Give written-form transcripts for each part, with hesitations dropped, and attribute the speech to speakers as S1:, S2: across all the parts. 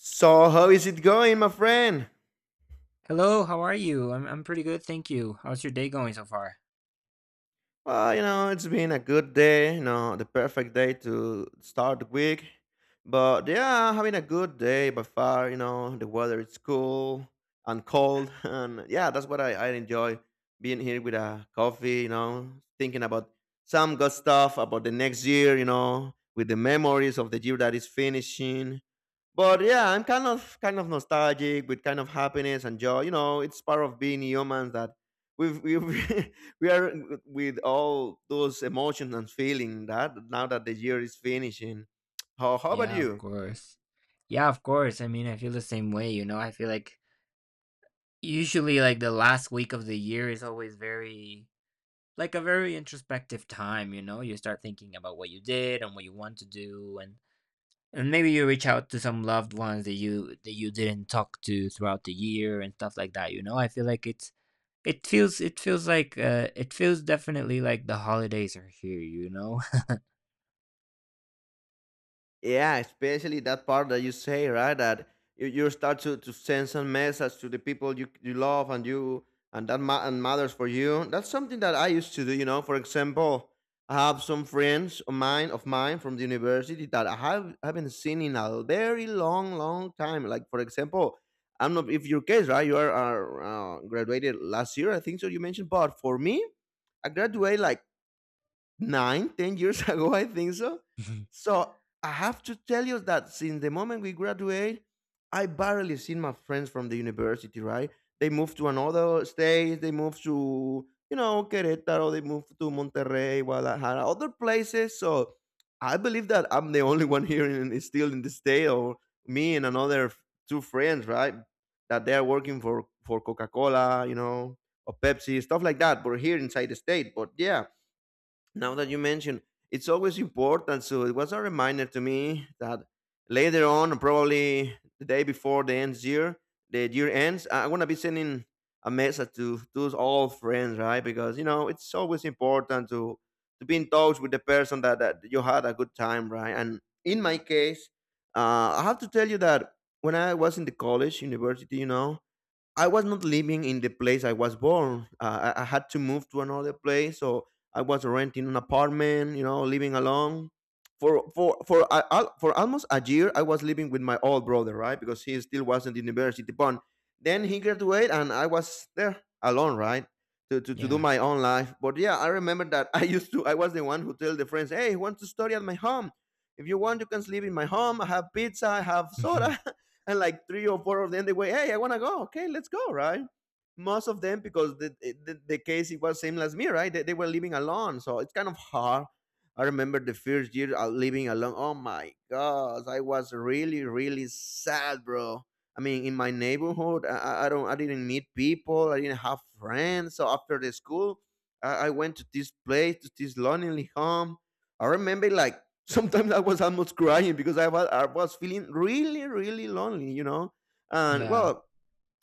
S1: So, how is it going, my friend?
S2: Hello, how are you? I'm pretty good, thank you. How's your day going so far?
S1: Well, you know, it's been a good day, you know, the perfect day to start the week. But yeah, having a good day by far, you know, the weather is cool and cold. And yeah, that's what I enjoy being here with a coffee, you know, thinking about some good stuff about the next year, you know, with the memories of the year that is finishing. But yeah, I'm kind of nostalgic with kind of happiness and joy. You know, it's part of being humans that we've we are with all those emotions and feeling that now that the year is finishing. How about
S2: Yeah, of
S1: you?
S2: course. Yeah, of course. I mean, I feel the same way, you know. I feel like usually like the last week of the year is always very, like a very introspective time, you know. You start thinking about what you did and what you want to do, and maybe you reach out to some loved ones that you didn't talk to throughout the year and stuff like that, you know. I feel like it's it feels like it feels definitely like the holidays are here, you know.
S1: Yeah, especially that part that you say, right? That you start to send some message to the people you love and you and that ma- and matters for you. That's something that I used to do. You know, for example, I have some friends of mine from the university that I haven't seen in a very long, long time. Like for example, I'm not if your case, right? You are graduated last year, I think so. You mentioned, but for me, I graduated like nine, 10 years ago, I think so. So I have to tell you that since the moment we graduate, I barely seen my friends from the university, right? They moved to another state, they moved to, you know, Querétaro, they moved to Monterrey, Guadalajara, other places. So I believe that I'm the only one here in, still in the state, or me and two friends, right? That they are working for Coca Cola, you know, or Pepsi, stuff like that, but here inside the state. But yeah, now that you mention, it's always important, so it was a reminder to me that later on, probably the day before the end year the year ends, I'm gonna be sending a message to all friends, right? Because you know it's always important to be in touch with the person that you had a good time, right? And in my case, I have to tell you that when I was in the college university, you know, I was not living in the place I was born. I had to move to another place, so I was renting an apartment. You know, living alone for almost a year. I was living with my old brother, right? Because he still wasn't in university. But then he graduated, and I was there alone, right? To do
S2: Yeah.
S1: my own life. But yeah, I remember that I used to I was the one who tell the friends, hey, want to study at my home? If you want, you can sleep in my home. I have pizza, I have
S2: Mhm.
S1: soda. And like three or four of them, they were, hey, I want to go. Okay, let's go, right? Most of them, because the case it was same as me, right? They were living alone. So it's kind of hard. I remember the first year out living alone. Oh my gosh, I was really, really sad, bro. I mean, in my neighborhood, I didn't meet people. I didn't have friends. So after the school, I went to this place, to this lonely home. I remember like sometimes I was almost crying because I was feeling really really lonely, you know. And
S2: Yeah.
S1: well,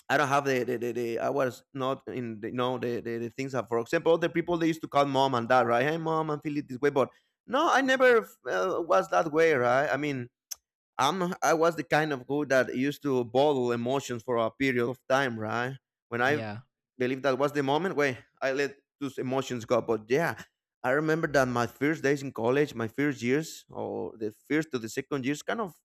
S1: I don't have the I was not in the, you know, the things that, for example, the people they used to call mom and dad, right? Hey, mom, I'm feeling this way, but no, I never was that way, right? I mean, I was the kind of guy that used to bottle emotions for a period of time, right? When I
S2: Yeah.
S1: believe that was the moment where I let those emotions go. But yeah, I remember that my first days in college, my first years or the first to the second years, kind of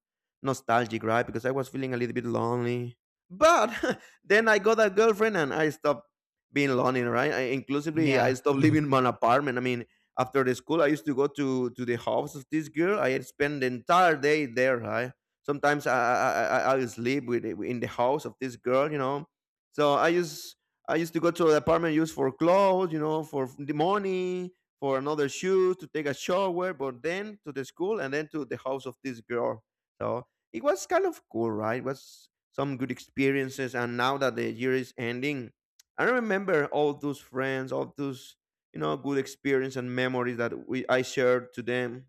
S1: nostalgic, right? Because I was feeling a little bit lonely. But then I got a girlfriend and I stopped being lonely, right? I, inclusively, I
S2: Yeah.
S1: stopped living in my apartment. I mean, after the school, I used to go to the house of this girl. I had spent the entire day there. I sometimes I sleep with in the house of this girl, you know. So I used to go to the apartment, used for clothes, you know, for the money, for another shoes, to take a shower, but then to the school, and then to the house of this girl. So it was kind of cool, right? It was some good experiences. And now that the year is ending, I remember all those friends, all those, you know, good experience and memories that we I shared to them.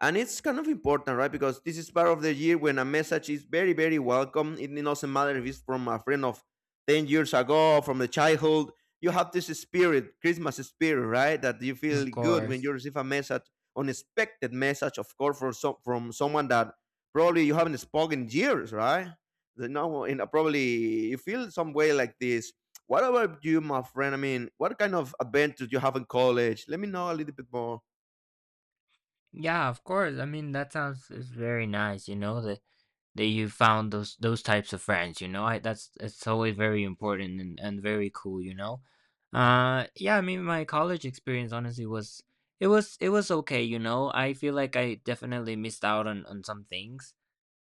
S1: And it's kind of important, right? Because this is part of the year when a message is very very welcome. It doesn't matter if it's from a friend of 10 years ago, from the childhood. You have this spirit, christmas spirit, right? That you feel
S2: Of
S1: good when
S2: course.
S1: you receive a message, unexpected message, of course, from, some, from someone that probably you haven't spoken in years, right? You know, in a, probably you feel some way like this. What about you, my friend? I mean, what kind of adventures you have in college? Let me know a little bit more.
S2: Yeah, of course. I mean, that sounds is very nice, you know, that that you found those types of friends, you know. I that's it's always very important, and very cool, you know. Yeah, I mean my college experience honestly was it was it was okay, you know. I feel like I definitely missed out on some things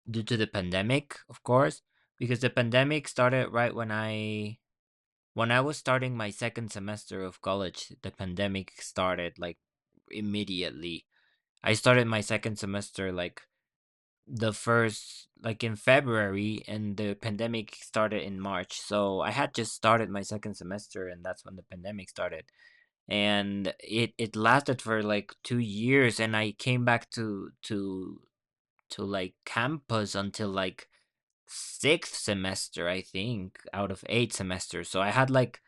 S2: due to the pandemic, of course, because the pandemic started right when I. When I was starting my second semester of college, the pandemic started like immediately. I started my second semester like the first, like in February, and the pandemic started in March. So I had just started my second semester, and that's when the pandemic started. And it lasted for like 2 years, and I came back to like campus until like sixth semester, I think, out of eight semesters. So I had like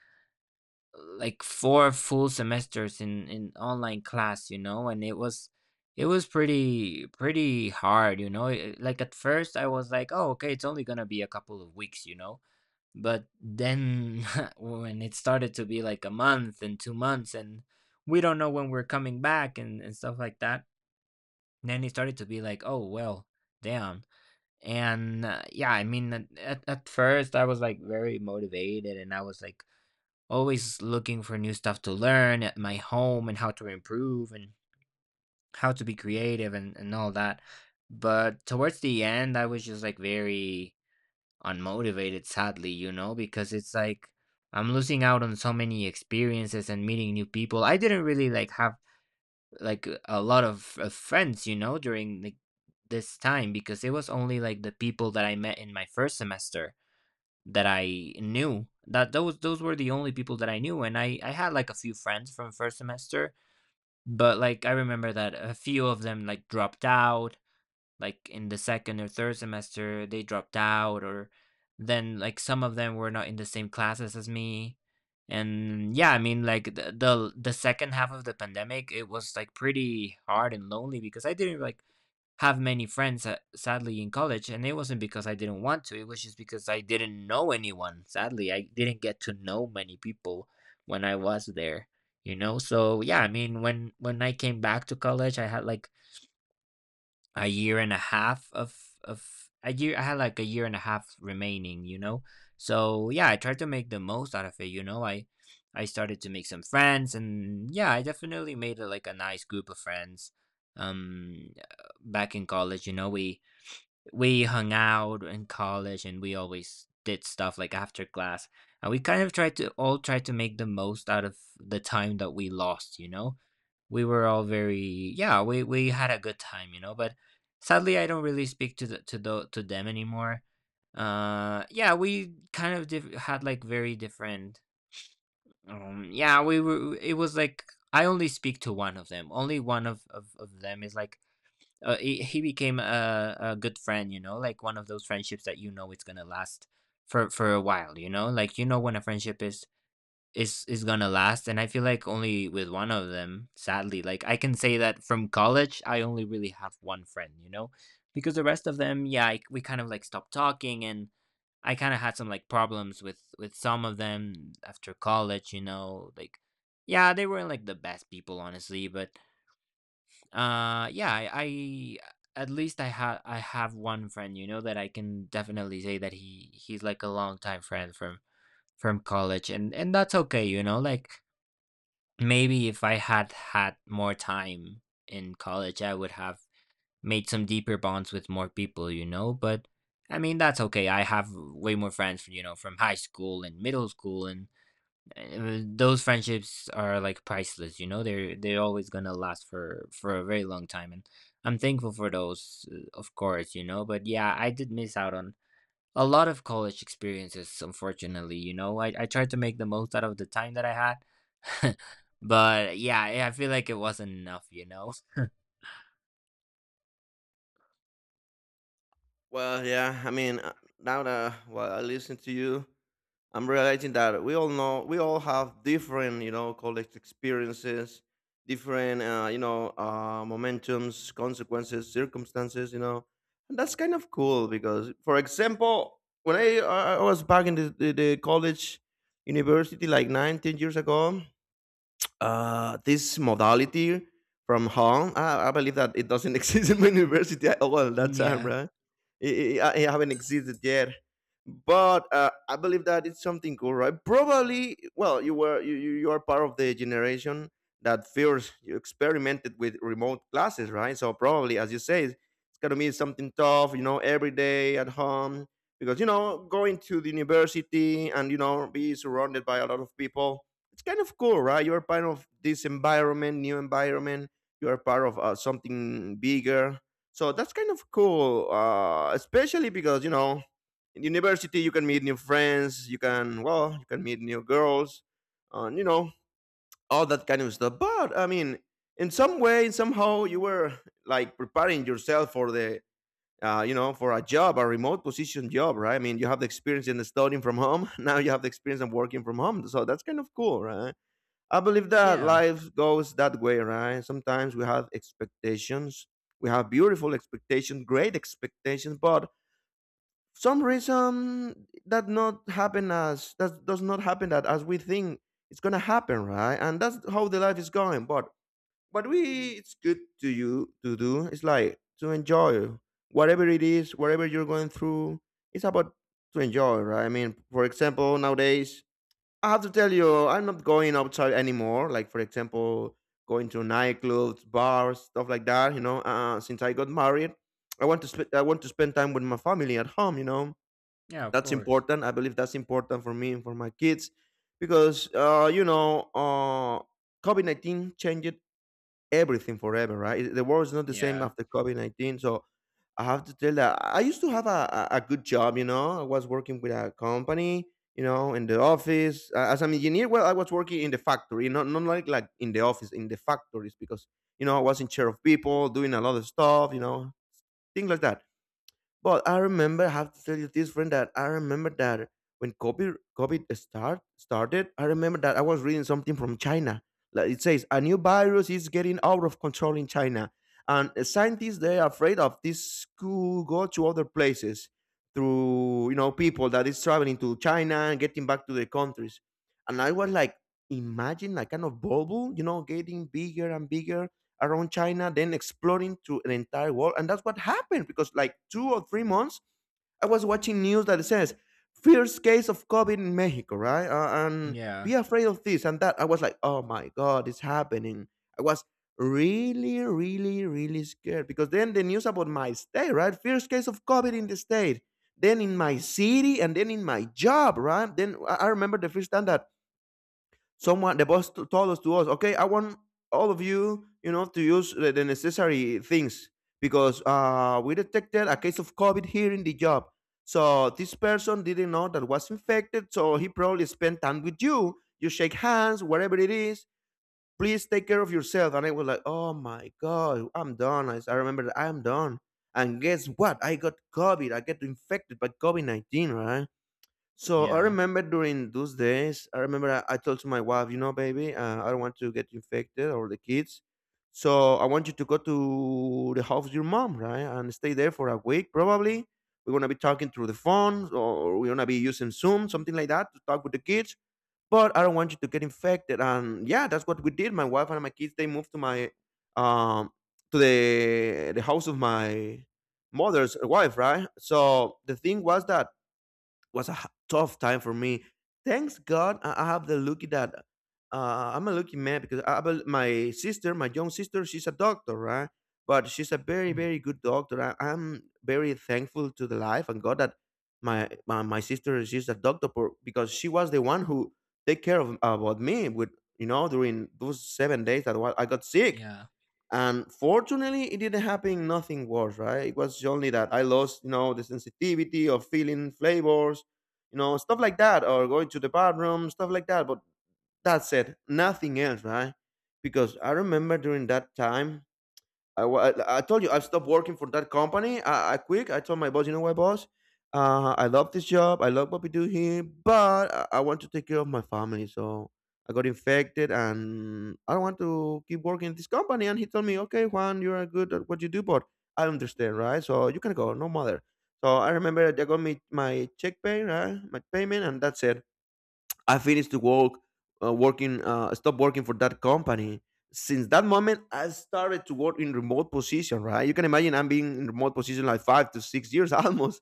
S2: like four full semesters in online class, you know. And it was pretty hard, you know. Like at first I was like, oh okay, it's only gonna be a couple of weeks, you know. But then when it started to be like a month and 2 months, and we don't know when we're coming back, and stuff like that, then it started to be like, oh well, damn. And yeah, I mean at first I was like very motivated, and I was like always looking for new stuff to learn at my home and how to improve and how to be creative, and all that. But towards the end, I was just like very unmotivated, sadly, you know, because it's like I'm losing out on so many experiences and meeting new people. I didn't really like have like a lot of friends, you know, during like this time, because it was only like the people that I met in my first semester that I knew. That those were the only people that I knew, and I had like a few friends from first semester, but like I remember that a few of them like dropped out. Like in the second or third semester, they dropped out, or then like some of them were not in the same classes as me. And yeah, I mean like the the second half of the pandemic, it was like pretty hard and lonely, because I didn't like have many friends, sadly, in college. And it wasn't because I didn't want to, it was just because I didn't know anyone, sadly. I didn't get to know many people when I was there, you know. So yeah, I mean when I came back to college, I had like a year and a half of a year, I had like a year and a half remaining, you know. So yeah, I tried to make the most out of it, you know. I started to make some friends, and yeah, I definitely made, like a nice group of friends. um back in college, you know, we hung out in college, and we always did stuff like after class. And we kind of tried to all try to make the most out of the time that we lost, you know. We were all very, yeah, we had a good time, you know. But sadly, I don't really speak to them anymore. Yeah, we kind of had like very different. Yeah, we were, it was like I only speak to one of them, only one of them is like, he became a good friend, you know, like one of those friendships that you know it's gonna last for a while, you know. Like you know when a friendship is gonna last. And I feel like only with one of them, sadly, like I can say that from college I only really have one friend, you know. Because the rest of them, yeah, we kind of like stopped talking. And I kind of had some like problems with some of them after college, you know. Like yeah, they weren't like the best people honestly. But I, at least I had I have one friend, you know, that I can definitely say that he's like a longtime friend from college. And that's okay, you know. Like maybe if I had had more time in college, I would have made some deeper bonds with more people, you know. But I mean, that's okay. I have way more friends, you know, from high school and middle school, and those friendships are like priceless, you know. They're always gonna last for a very long time. And I'm thankful for those, of course, you know. But yeah, I did miss out on a lot of college experiences, unfortunately, you know. I tried to make the most out of the time that I had. But yeah, I feel like it wasn't enough, you know.
S1: Well, yeah. I mean, now that while I listen to you, I'm realizing that we all know we all have different, you know, college experiences, different, you know, momentums, consequences, circumstances. You know, and that's kind of cool because, for example, when I was back in the college, university, like nine, 10 years ago, this modality from home. I believe that it doesn't exist in my university at all at that
S2: Mm,
S1: time,
S2: yeah.
S1: right? It haven't existed yet. But I believe that it's something cool, right? Probably, well, you were you, you you are part of the generation that first you experimented with remote classes, right? So probably, as you say, it's gonna be something tough, you know, every day at home, because you know, going to the university and you know, be surrounded by a lot of people, it's kind of cool, right? You're part of this environment, new environment. You're part of something bigger. So that's kind of cool, especially because, you know, in university you can meet new friends. You can, well, you can meet new girls, and you know, all that kind of stuff. But I mean, in some way, somehow, you were like preparing yourself for the. You know, for a job, a remote position job, right? I mean, you have the experience in studying from home. Now you have the experience of working from home. So that's kind of cool, right? I believe that
S2: Yeah.
S1: life goes that way, right? Sometimes we have expectations. We have beautiful expectations, great expectations, but some reason that not happen as that does not happen that as we think it's gonna happen, right? And that's how the life is going. But what we it's good to you to do is like to enjoy whatever it is, whatever you're going through. It's about to enjoy, right? I mean, for example, nowadays I have to tell you, I'm not going outside anymore. Like for example, going to nightclubs, bars, stuff like that. You know, since I got married, I want to I want to spend time with my family at home. You know,
S2: Yeah, of
S1: that's
S2: course.
S1: important. I believe that's important for me and for my kids, because you know, COVID 19 changed everything forever, right? The world is not the same
S2: Yeah.
S1: after COVID 19. So I have to tell that I used to have a good job, you know. I was working with a company, you know, in the office as an engineer. Well, I was working in the factory, not not like like in the office, in the factories, because you know I was in charge of people, doing a lot of stuff, you know, things like that. But I remember I have to tell you this friend that I remember that when COVID started, I remember that I was reading something from China. Like it says a new virus is getting out of control in China. And scientists they are afraid of this could go to other places through, you know, people that is traveling to China and getting back to their countries. And I was like, imagine like kind of bubble, getting bigger and bigger around China, then exploring to the entire world. And that's what happened because, like, 2 or 3 months, I was watching news that it says first case of COVID in Mexico, right? And
S2: Yeah.
S1: be afraid of this and that. I was like, oh my god, it's happening. I was really, really, really scared because then the news about my state, right? First case of COVID in the state, then in my city, and then in my job, right? Then I remember the first time that someone, the boss told us to us, okay, I want all of you you know to use the necessary things because we detected a case of COVID here in the job. So this person didn't know that was infected, so he probably spent time with you, you shake hands, whatever it is, please take care of yourself. And I was like, oh my god, I'm done. I remember that I'm done. And guess what, I got COVID, I get infected by COVID-19, right? So I
S2: Yeah.
S1: remember during those days, I remember I told to my wife, you know, baby, I don't want to get infected or the kids. So I want you to go to the house of your mom, right? And stay there for a week, probably. We're going to be talking through the phone or we're going to be using Zoom, something like that, to talk with the kids. But I don't want you to get infected. And yeah, that's what we did. My wife and my kids, they moved to my, um, to the house of my mother's wife, right? So the thing was that was a tough time for me. Thanks God, I have the lucky that I'm a lucky man because my sister, my young sister, she's a doctor, right? But she's a very,
S2: Mm,
S1: very good doctor. I'm very thankful to the life and God that my sister, she's a doctor because she was the one who take care of about me with during those 7 days that I got sick.
S2: yeah.
S1: And fortunately, it didn't happen nothing worse, right? It was only that I lost, the sensitivity of feeling flavors, stuff like that, or going to the bathroom, stuff like that. But that's it, nothing else, right? Because I remember during that time, I told you, I've stopped working for that company. I quit. I told my boss, you know what, boss? I love this job. I love what we do here, but I want to take care of my family. So I got infected and I don't want to keep working at this company. And he told me, okay, Juan, you are good at what you do, but I understand, right? So you can go, no matter. So I remember they got me my check pay, right? My payment, and that's it. I finished to work, working, stop working for that company. Since that moment, I started to work in remote position. Right, you can imagine I'm being in remote position like 5 to 6 years almost.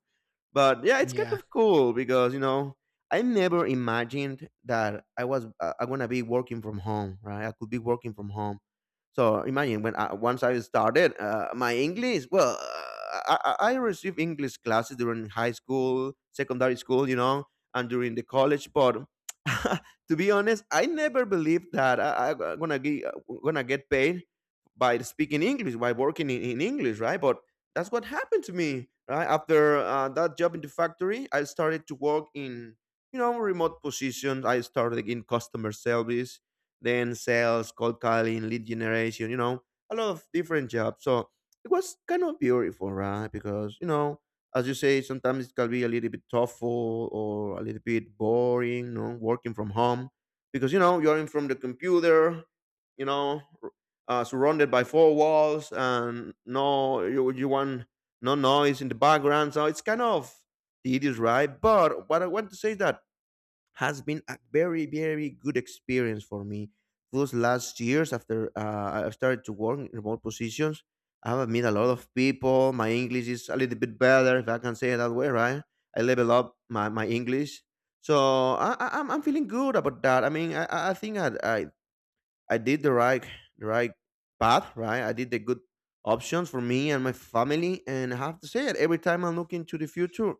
S1: But yeah, it's kind
S2: Yeah.
S1: of cool because I never imagined that I'm gonna be working from home, right? I could be working from home. So imagine once I started my English. Well, I received English classes during high school, secondary school, and during the college. But to be honest, I never believed that I gonna get paid by speaking English, by working in English, right? But that's what happened to me right after that job in the factory. I started to work in remote positions. I started in customer service, then sales, cold calling, lead generation, a lot of different jobs. So it was kind of beautiful, right? Because as you say, sometimes it can be a little bit tough or a little bit boring, working from home, because you're in from the computer, you know surrounded by four walls, and no, you want no noise in the background. So it's kind of tedious, right? But what I want to say is that has been a very, very good experience for me, those last years after I started to work in remote positions. I have met a lot of people, my English is a little bit better, if I can say it that way, right? I level up my English. So I'm feeling good about that. I mean, I think I did the right path, right? I did the good options for me and my family. And I have to say it, every time I look into the future,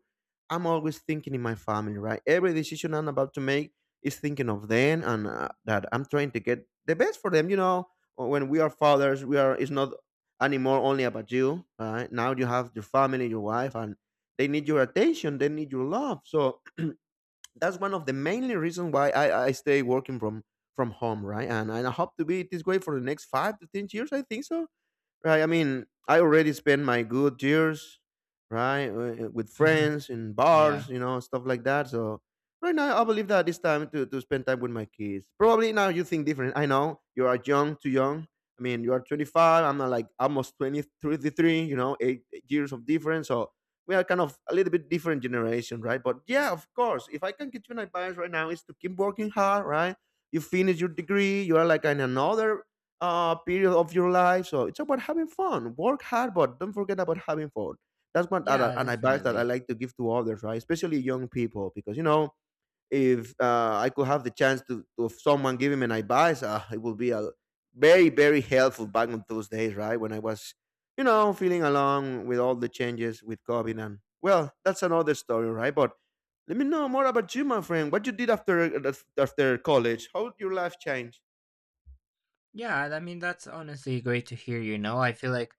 S1: I'm always thinking in my family, right? Every decision I'm about to make is thinking of them and that I'm trying to get the best for them. You know, when we are fathers, we are it's not anymore only about you, right? Now you have your family, your wife, and they need your attention, they need your love. So that's one of the mainly reasons why I stay working from home, right? And I hope to be this way for the next 5 to 10 years. I think so. Right. I mean, I already spent my good years, right, with friends in bars,
S2: Yeah.
S1: stuff like that. So right now, I believe that it's time to spend time with my kids. Probably now you think different. I know you are young, too young. I mean, you are 25. I'm not like almost twenty thirty three. You know, 8 years of difference. So we are kind of a little bit different generation, right? But yeah, of course, if I can get you an advice right now, is to keep working hard, right? You finish your degree, you are like in another period of your life. So it's about having fun. Work hard, but don't forget about having fun. That's one
S2: Yeah,
S1: an advice that I
S2: definitely.
S1: like to give to others, right? Especially young people, because if I could have the chance to if someone give him an advice, it would be a very, very helpful back in those days, right? When I was, feeling along with all the changes with COVID, and well, that's another story, right? But let me know more about you, my friend. What you did after uh, after college? How did your life change?
S2: Yeah, I mean that's honestly great to hear, you know. I feel like,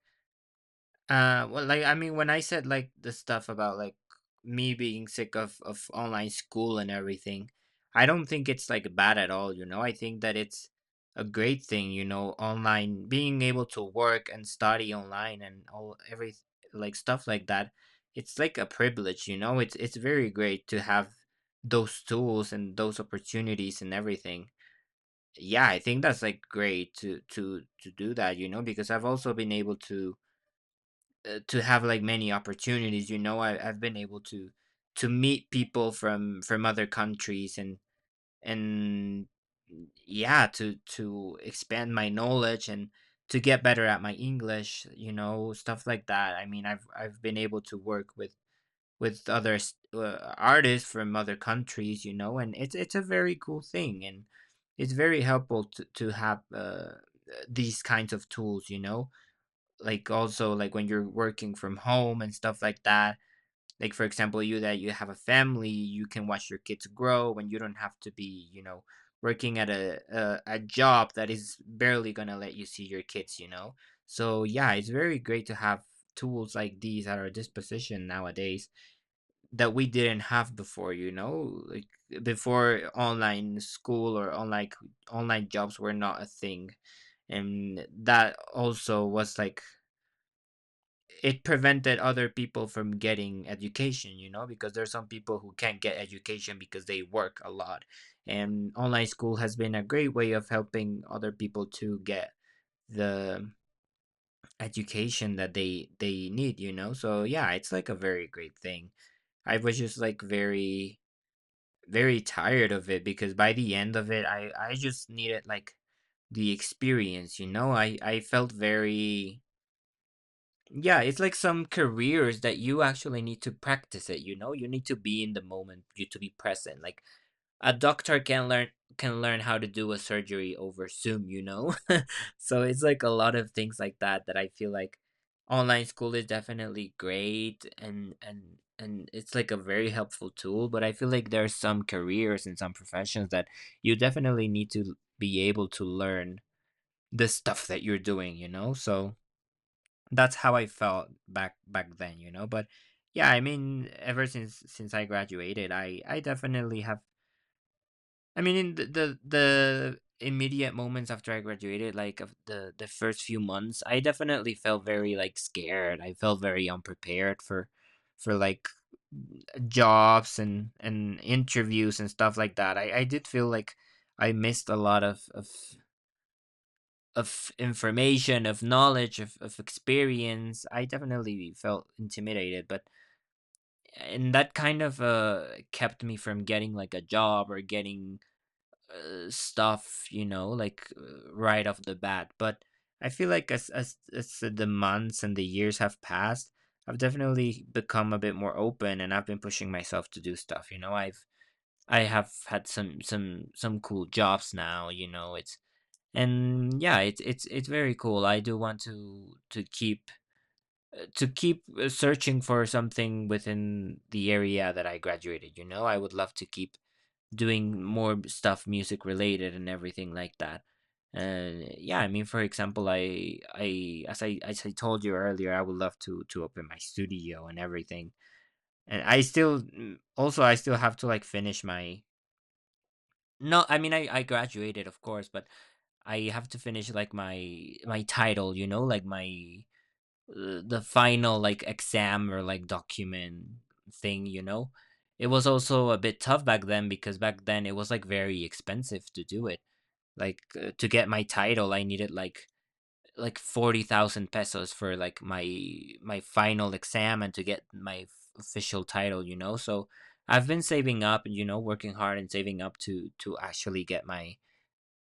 S2: well, like I mean when I said like the stuff about like me being sick of online school and everything, I don't think it's like bad at all, you know. I think that it's a great thing, you know, online being able to work and study online and all, every like stuff like that. It's like a privilege, you know. It's very great to have those tools and those opportunities and everything. Yeah, I think that's like great to do that, you know. Because I've also been able to, to have like many opportunities, you know. I've been able to meet people from other countries, and yeah, to expand my knowledge and to get better at my English, you know, stuff like that. I mean, I've been able to work with other artists from other countries, you know. And it's a very cool thing. And it's very helpful to have, these kinds of tools, you know. Like also like when you're working from home and stuff like that. Like for example, you that you have a family, you can watch your kids grow, and you don't have to be, you know, working at a job that is barely gonna let you see your kids, you know. So yeah, it's very great to have tools like these at our disposition nowadays, that we didn't have before, you know. Like before online school, or online jobs were not a thing. And that also was like, it prevented other people from getting education, you know. Because there's some people who can't get education because they work a lot. And online school has been a great way of helping other people to get the education that they need, you know. So yeah, it's like a very great thing. I was just like very, very tired of it, because by the end of it I just needed like the experience, you know. I felt very, yeah, it's like some careers that you actually need to practice it, you know. You need to be in the moment, you to be present, like a doctor can learn, can learn how to do a surgery over Zoom, you know? So it's like a lot of things like that, that I feel like online school is definitely great, and it's like a very helpful tool, but I feel like there are some careers and some professions that you definitely need to be able to learn the stuff that you're doing, you know? So that's how I felt back then, you know? But yeah, I mean ever since I graduated, I definitely have, I mean, in the the immediate moments after I graduated, like of the first few months, I definitely felt very like scared. I felt very unprepared for for like jobs and interviews and stuff like that. I did feel like I missed a lot of information, of knowledge, of experience. I definitely felt intimidated, but and that kind of kept me from getting like a job or getting stuff, like right off the bat. But I feel like as the months and the years have passed, I've definitely become a bit more open, and I've been pushing myself to do stuff. You know, I have had some cool jobs now. You know, it's and yeah, it's very cool. I do want to keep to keep searching for something within the area that I graduated. You know, I would love to keep doing more stuff music related and everything like that. And yeah, I mean, for example, I as I as I told you earlier, I would love to open my studio and everything. And I still also I still have to like finish my no, I mean I graduated of course, but I have to finish like my title, you know, like my the final like exam or like document thing, you know. It was also a bit tough back then because back then it was like very expensive to do it. Like to get my title, I needed like 40,000 pesos for like my final exam and to get my official title, you know. So I've been saving up, you know, working hard and saving up to actually get my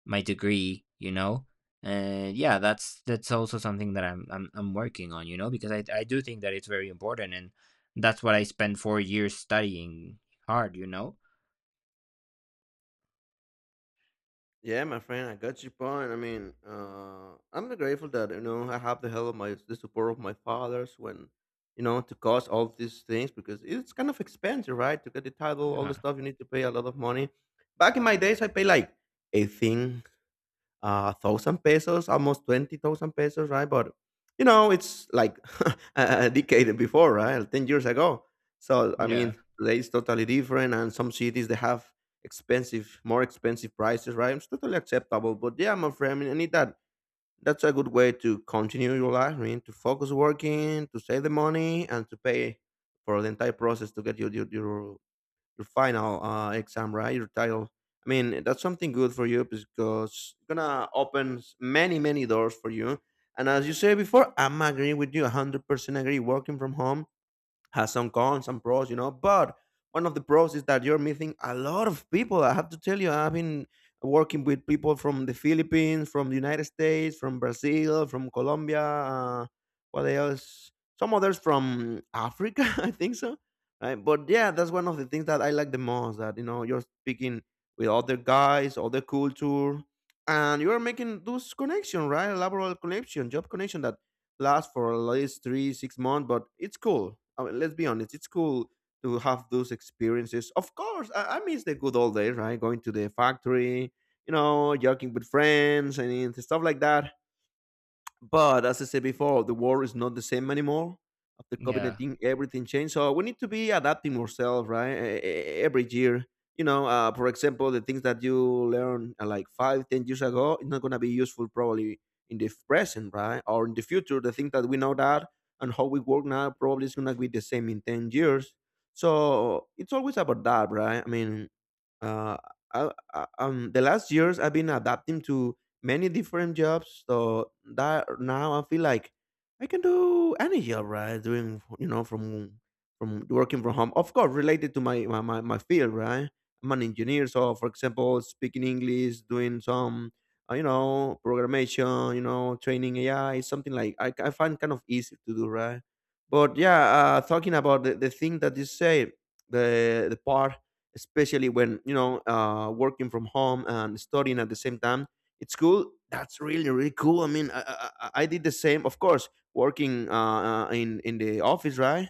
S2: my degree, you know? And yeah, that's also something that I'm working on, you know, because I do think that it's very important and that's what I spent four years studying hard, you know?
S1: Yeah, my friend, I got your point. I mean, I'm grateful that I have the help of my the support of my fathers when to cause all these things because it's kind of expensive, right? To get the title, all the
S2: Yeah.
S1: stuff you need to pay a lot of money. Back in my days, I pay like eighteen thousand pesos, almost 20,000 pesos, right? But it's like a decade before, right? 10 years ago. So I
S2: Yeah.
S1: mean, today is totally different, and some cities they have more expensive prices, right? It's totally acceptable. But yeah, my friend, I mean, I need that. That's a good way to continue your life. I mean, to focus working, to save the money, and to pay for the entire process to get your final exam, right? Your title. I mean, that's something good for you because it's gonna open many, many doors for you. And as you said before, I'm agreeing with you, 100% agree. Working from home has some cons, some pros. But one of the pros is that you're meeting a lot of people. I have to tell you, I've been working with people from the Philippines, from the United States, from Brazil, from Colombia. What else? Some others from Africa, I think so. Right, but yeah, that's one of the things that I like the most. That you're speaking with other guys, other culture, and you are making those connection, right? Laboral connection, job connection that last for at least three six months, but it's cool. I mean, let's be honest, it's cool to have those experiences. Of course, I miss the good old days, right? Going to the factory, joking with friends and stuff like that. But as I said before, the world is not the same anymore. After COVID
S2: Yeah.
S1: 19, everything changed. So we need to be adapting ourselves, right? Every year. For example, the things that you learn like five, 10 years ago, it's not going to be useful probably in the present, right? Or in the future. The things that we know that and how we work now probably is going to be the same in 10 years. So it's always about that, right? Uh, the last years I've been adapting to many different jobs, so that now I feel like I can do any job, right? Doing, you know, from working from home, of course, related to my field, right? I'm an engineer, so for example, speaking English, doing some, programmation, you know, training AI. It's something like I find kind of easy to do, right? But yeah, talking about the thing that you say, the part, especially when, you know, working from home and studying at the same time, it's cool. That's really really cool. I did the same, of course, working, in the office, right?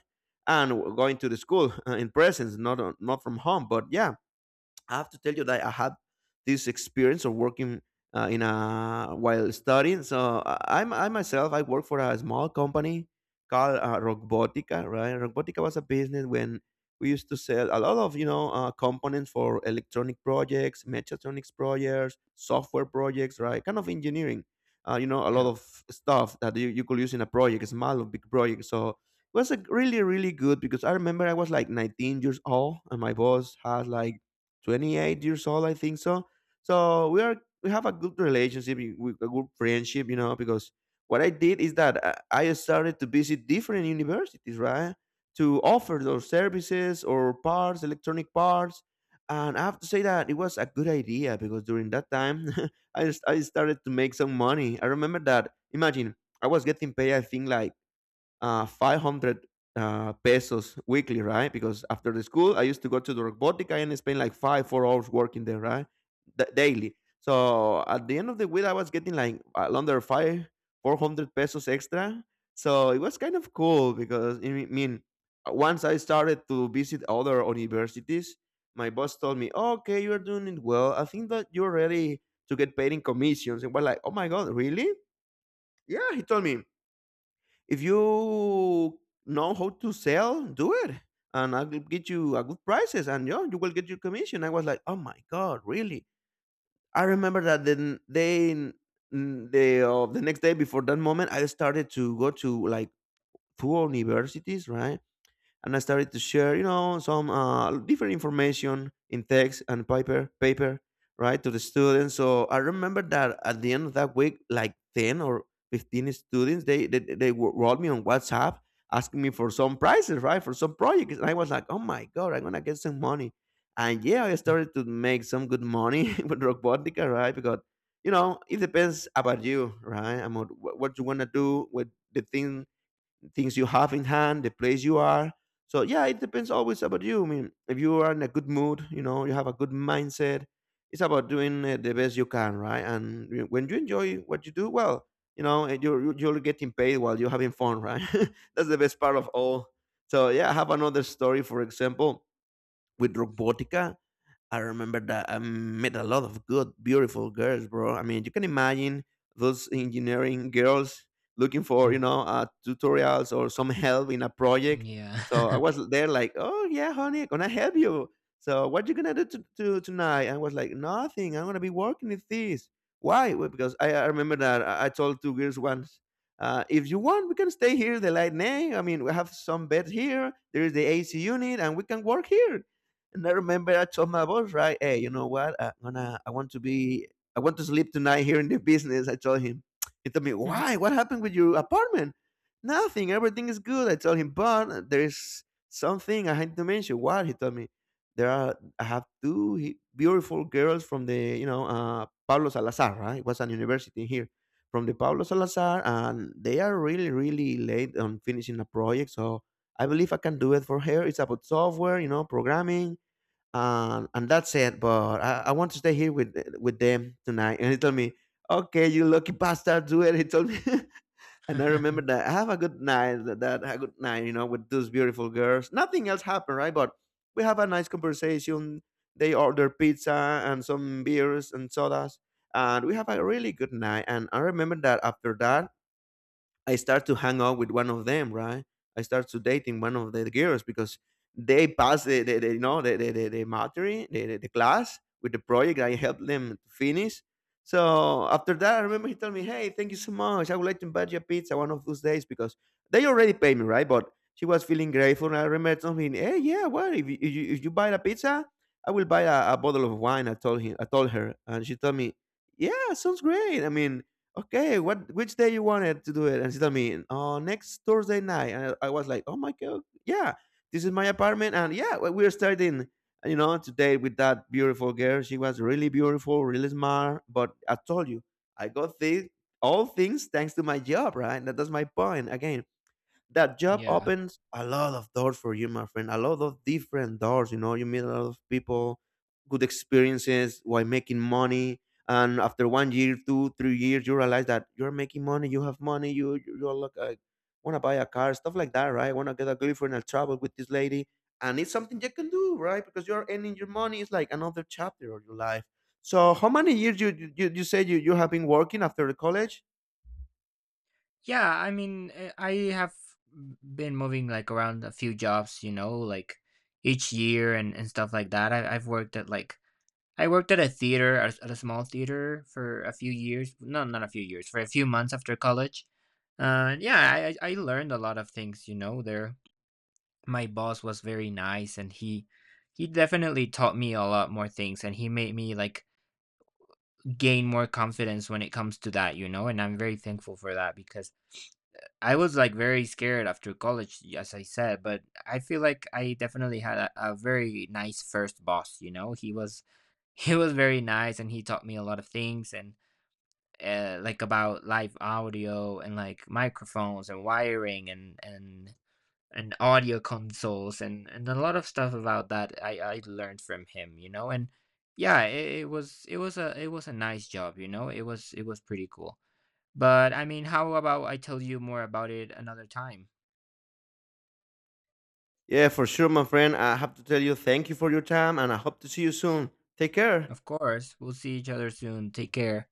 S1: And going to the school in presence, not on, not from home, but yeah, I have to tell you that I had this experience of working in a while studying. So I, I'm I myself I work for a small company called, Robotica. Right, Robotica was a business when we used to sell a lot of, you know, components for electronic projects, mechatronics projects, software projects. Right, kind of engineering. A lot
S2: Yeah.
S1: of stuff that you could use in a project, small or big project. So it was like really really good because I remember I was like 19 years old and my boss had like 28 years old, I think so. So we have a good relationship, a good friendship, you know, because what I did is that I started to visit different universities, right, to offer those services or parts, electronic parts. And I have to say that it was a good idea because during that time, I started to make some money. I remember that. Imagine I was getting paid, I think, like, 500 pesos weekly, right? Because after the school, I used to go to the robotica and spend like five, 4 hours working there, right? Daily. So at the end of the week, I was getting like, under five, 400 pesos extra. So it was kind of cool because, I mean, once I started to visit other universities, my boss told me, okay, you're doing it well. I think that you're ready to get paid in commissions. And we're like, oh my God, really? Yeah, he told me. If you know how to sell, do it, and I'll get you a good prices, and yeah, you will get your commission. I was like, "Oh my god, really?" I remember that then the next day before that moment, I started to go to like two universities, right? And I started to share, you know, some, different information in text and paper, paper, right, to the students. So I remember that at the end of that week, like 10 or 15 students, they wrote me on WhatsApp asking me for some prizes, right, for some projects, and I was like, oh my god, I'm gonna get some money, and yeah, I
S2: Mm,
S1: started to make some good money with Robotica, right, because you know it depends about you, right, about what you wanna do with the things you have in hand, the place you are. So yeah, it depends always about you. I mean, if you are in a good mood, you know, you have a good mindset. It's about doing, the best you can, right? When you enjoy what you do, well, you know, and you're getting paid while you're having fun, right? That's the best part of all. So yeah, I have another story, for example, with Robotica. I remember that I met a lot of good, beautiful girls, bro. I mean, you can imagine those engineering girls looking for, you
S2: mm,
S1: know, tutorials or some help in a project. So I
S2: yeah.
S1: was there like, oh, yeah, honey, gonna help you. So what you gonna do to tonight? I was like, nothing. I'm gonna be working with this. Why? Well, because I remember that I told two girls once, if you want, we can stay here. They like, nay. I mean, we have some bed here. There is the AC unit, and we can work here. And I remember I told my boss, right, hey, you know what? I want to be, I want to sleep tonight here in the business, I told him. He told me, why? What happened with your apartment? Nothing. Everything is good, I told him, but there is something I had to mention. What? He told me, there are, I have two beautiful girls from the, you know, Pablo Salazar, right? It was an university here from the Pablo Salazar, and they are really, really late on finishing a project. So I believe I can do it for her. It's about software, you know, programming, and that's it. But I want to stay here with them tonight. And he told me, "Okay, you lucky bastard, do it." He told me, and I remember that. Have a good night. A good night, you know, with those beautiful girls. Nothing else happened, right? But we have a nice conversation. They order pizza and some beers and sodas, and we have a really good night. And I remember that after that, I start to hang out with one of them, right? I start to dating one of the girls because they pass the you know the material, the class with the project. I helped them to finish. So after that, I remember he told me, "Hey, thank you so much. I would like to invite you a pizza one of those days because they already paid me, right?" But she was feeling grateful, and I remember telling him, "Hey, yeah, well, if you buy a pizza, I will buy a bottle of wine." I told him, I told her, and she told me, "Yeah, sounds great. I mean, okay, what which day you wanted to do it? And she told me, oh, next Thursday night. And I was like, oh my god, yeah, this is my apartment, and yeah, we're starting. You know, today with that beautiful girl, she was really beautiful, really smart. But I told you, I got thi- all things thanks to my job, right? That's my point again, that job
S2: Yeah.
S1: opens a lot of doors for you, my friend. A lot of different doors. You know, you meet a lot of people, good experiences while making money. And after 1 year, two, 3 years, you realize that you're making money. You have money. You're like, want to buy a car, stuff like that, right? Want to get a girlfriend and travel with this lady, and it's something you can do, right? Because you're earning your money. It's like another chapter of your life. So, how many years you say you have been working after the college?
S2: Yeah, I mean, I have been moving like around a few jobs, you know, like each year and stuff like that. I worked at a theater, at a small theater for a few years. No, not a few years, for a few months after college. Yeah, I learned a lot of things, you know, there. My boss was very nice and he definitely taught me a lot more things and he made me like gain more confidence when it comes to that, you know, and I'm very thankful for that because I was like very scared after college, as I said, but I feel like I definitely had a very nice first boss, you know. He was very nice, and he taught me a lot of things and, like, about live audio and, like, microphones and wiring and audio consoles and a lot of stuff about that I learned from him, you know? And, yeah, it was a nice job, you know? It was pretty cool. But, I mean, how about I tell you more about it another time?
S1: Yeah, for sure, my friend. I have to tell you thank you for your time and I hope to see you soon. Take care.
S2: Of course, we'll see each other soon. Take care.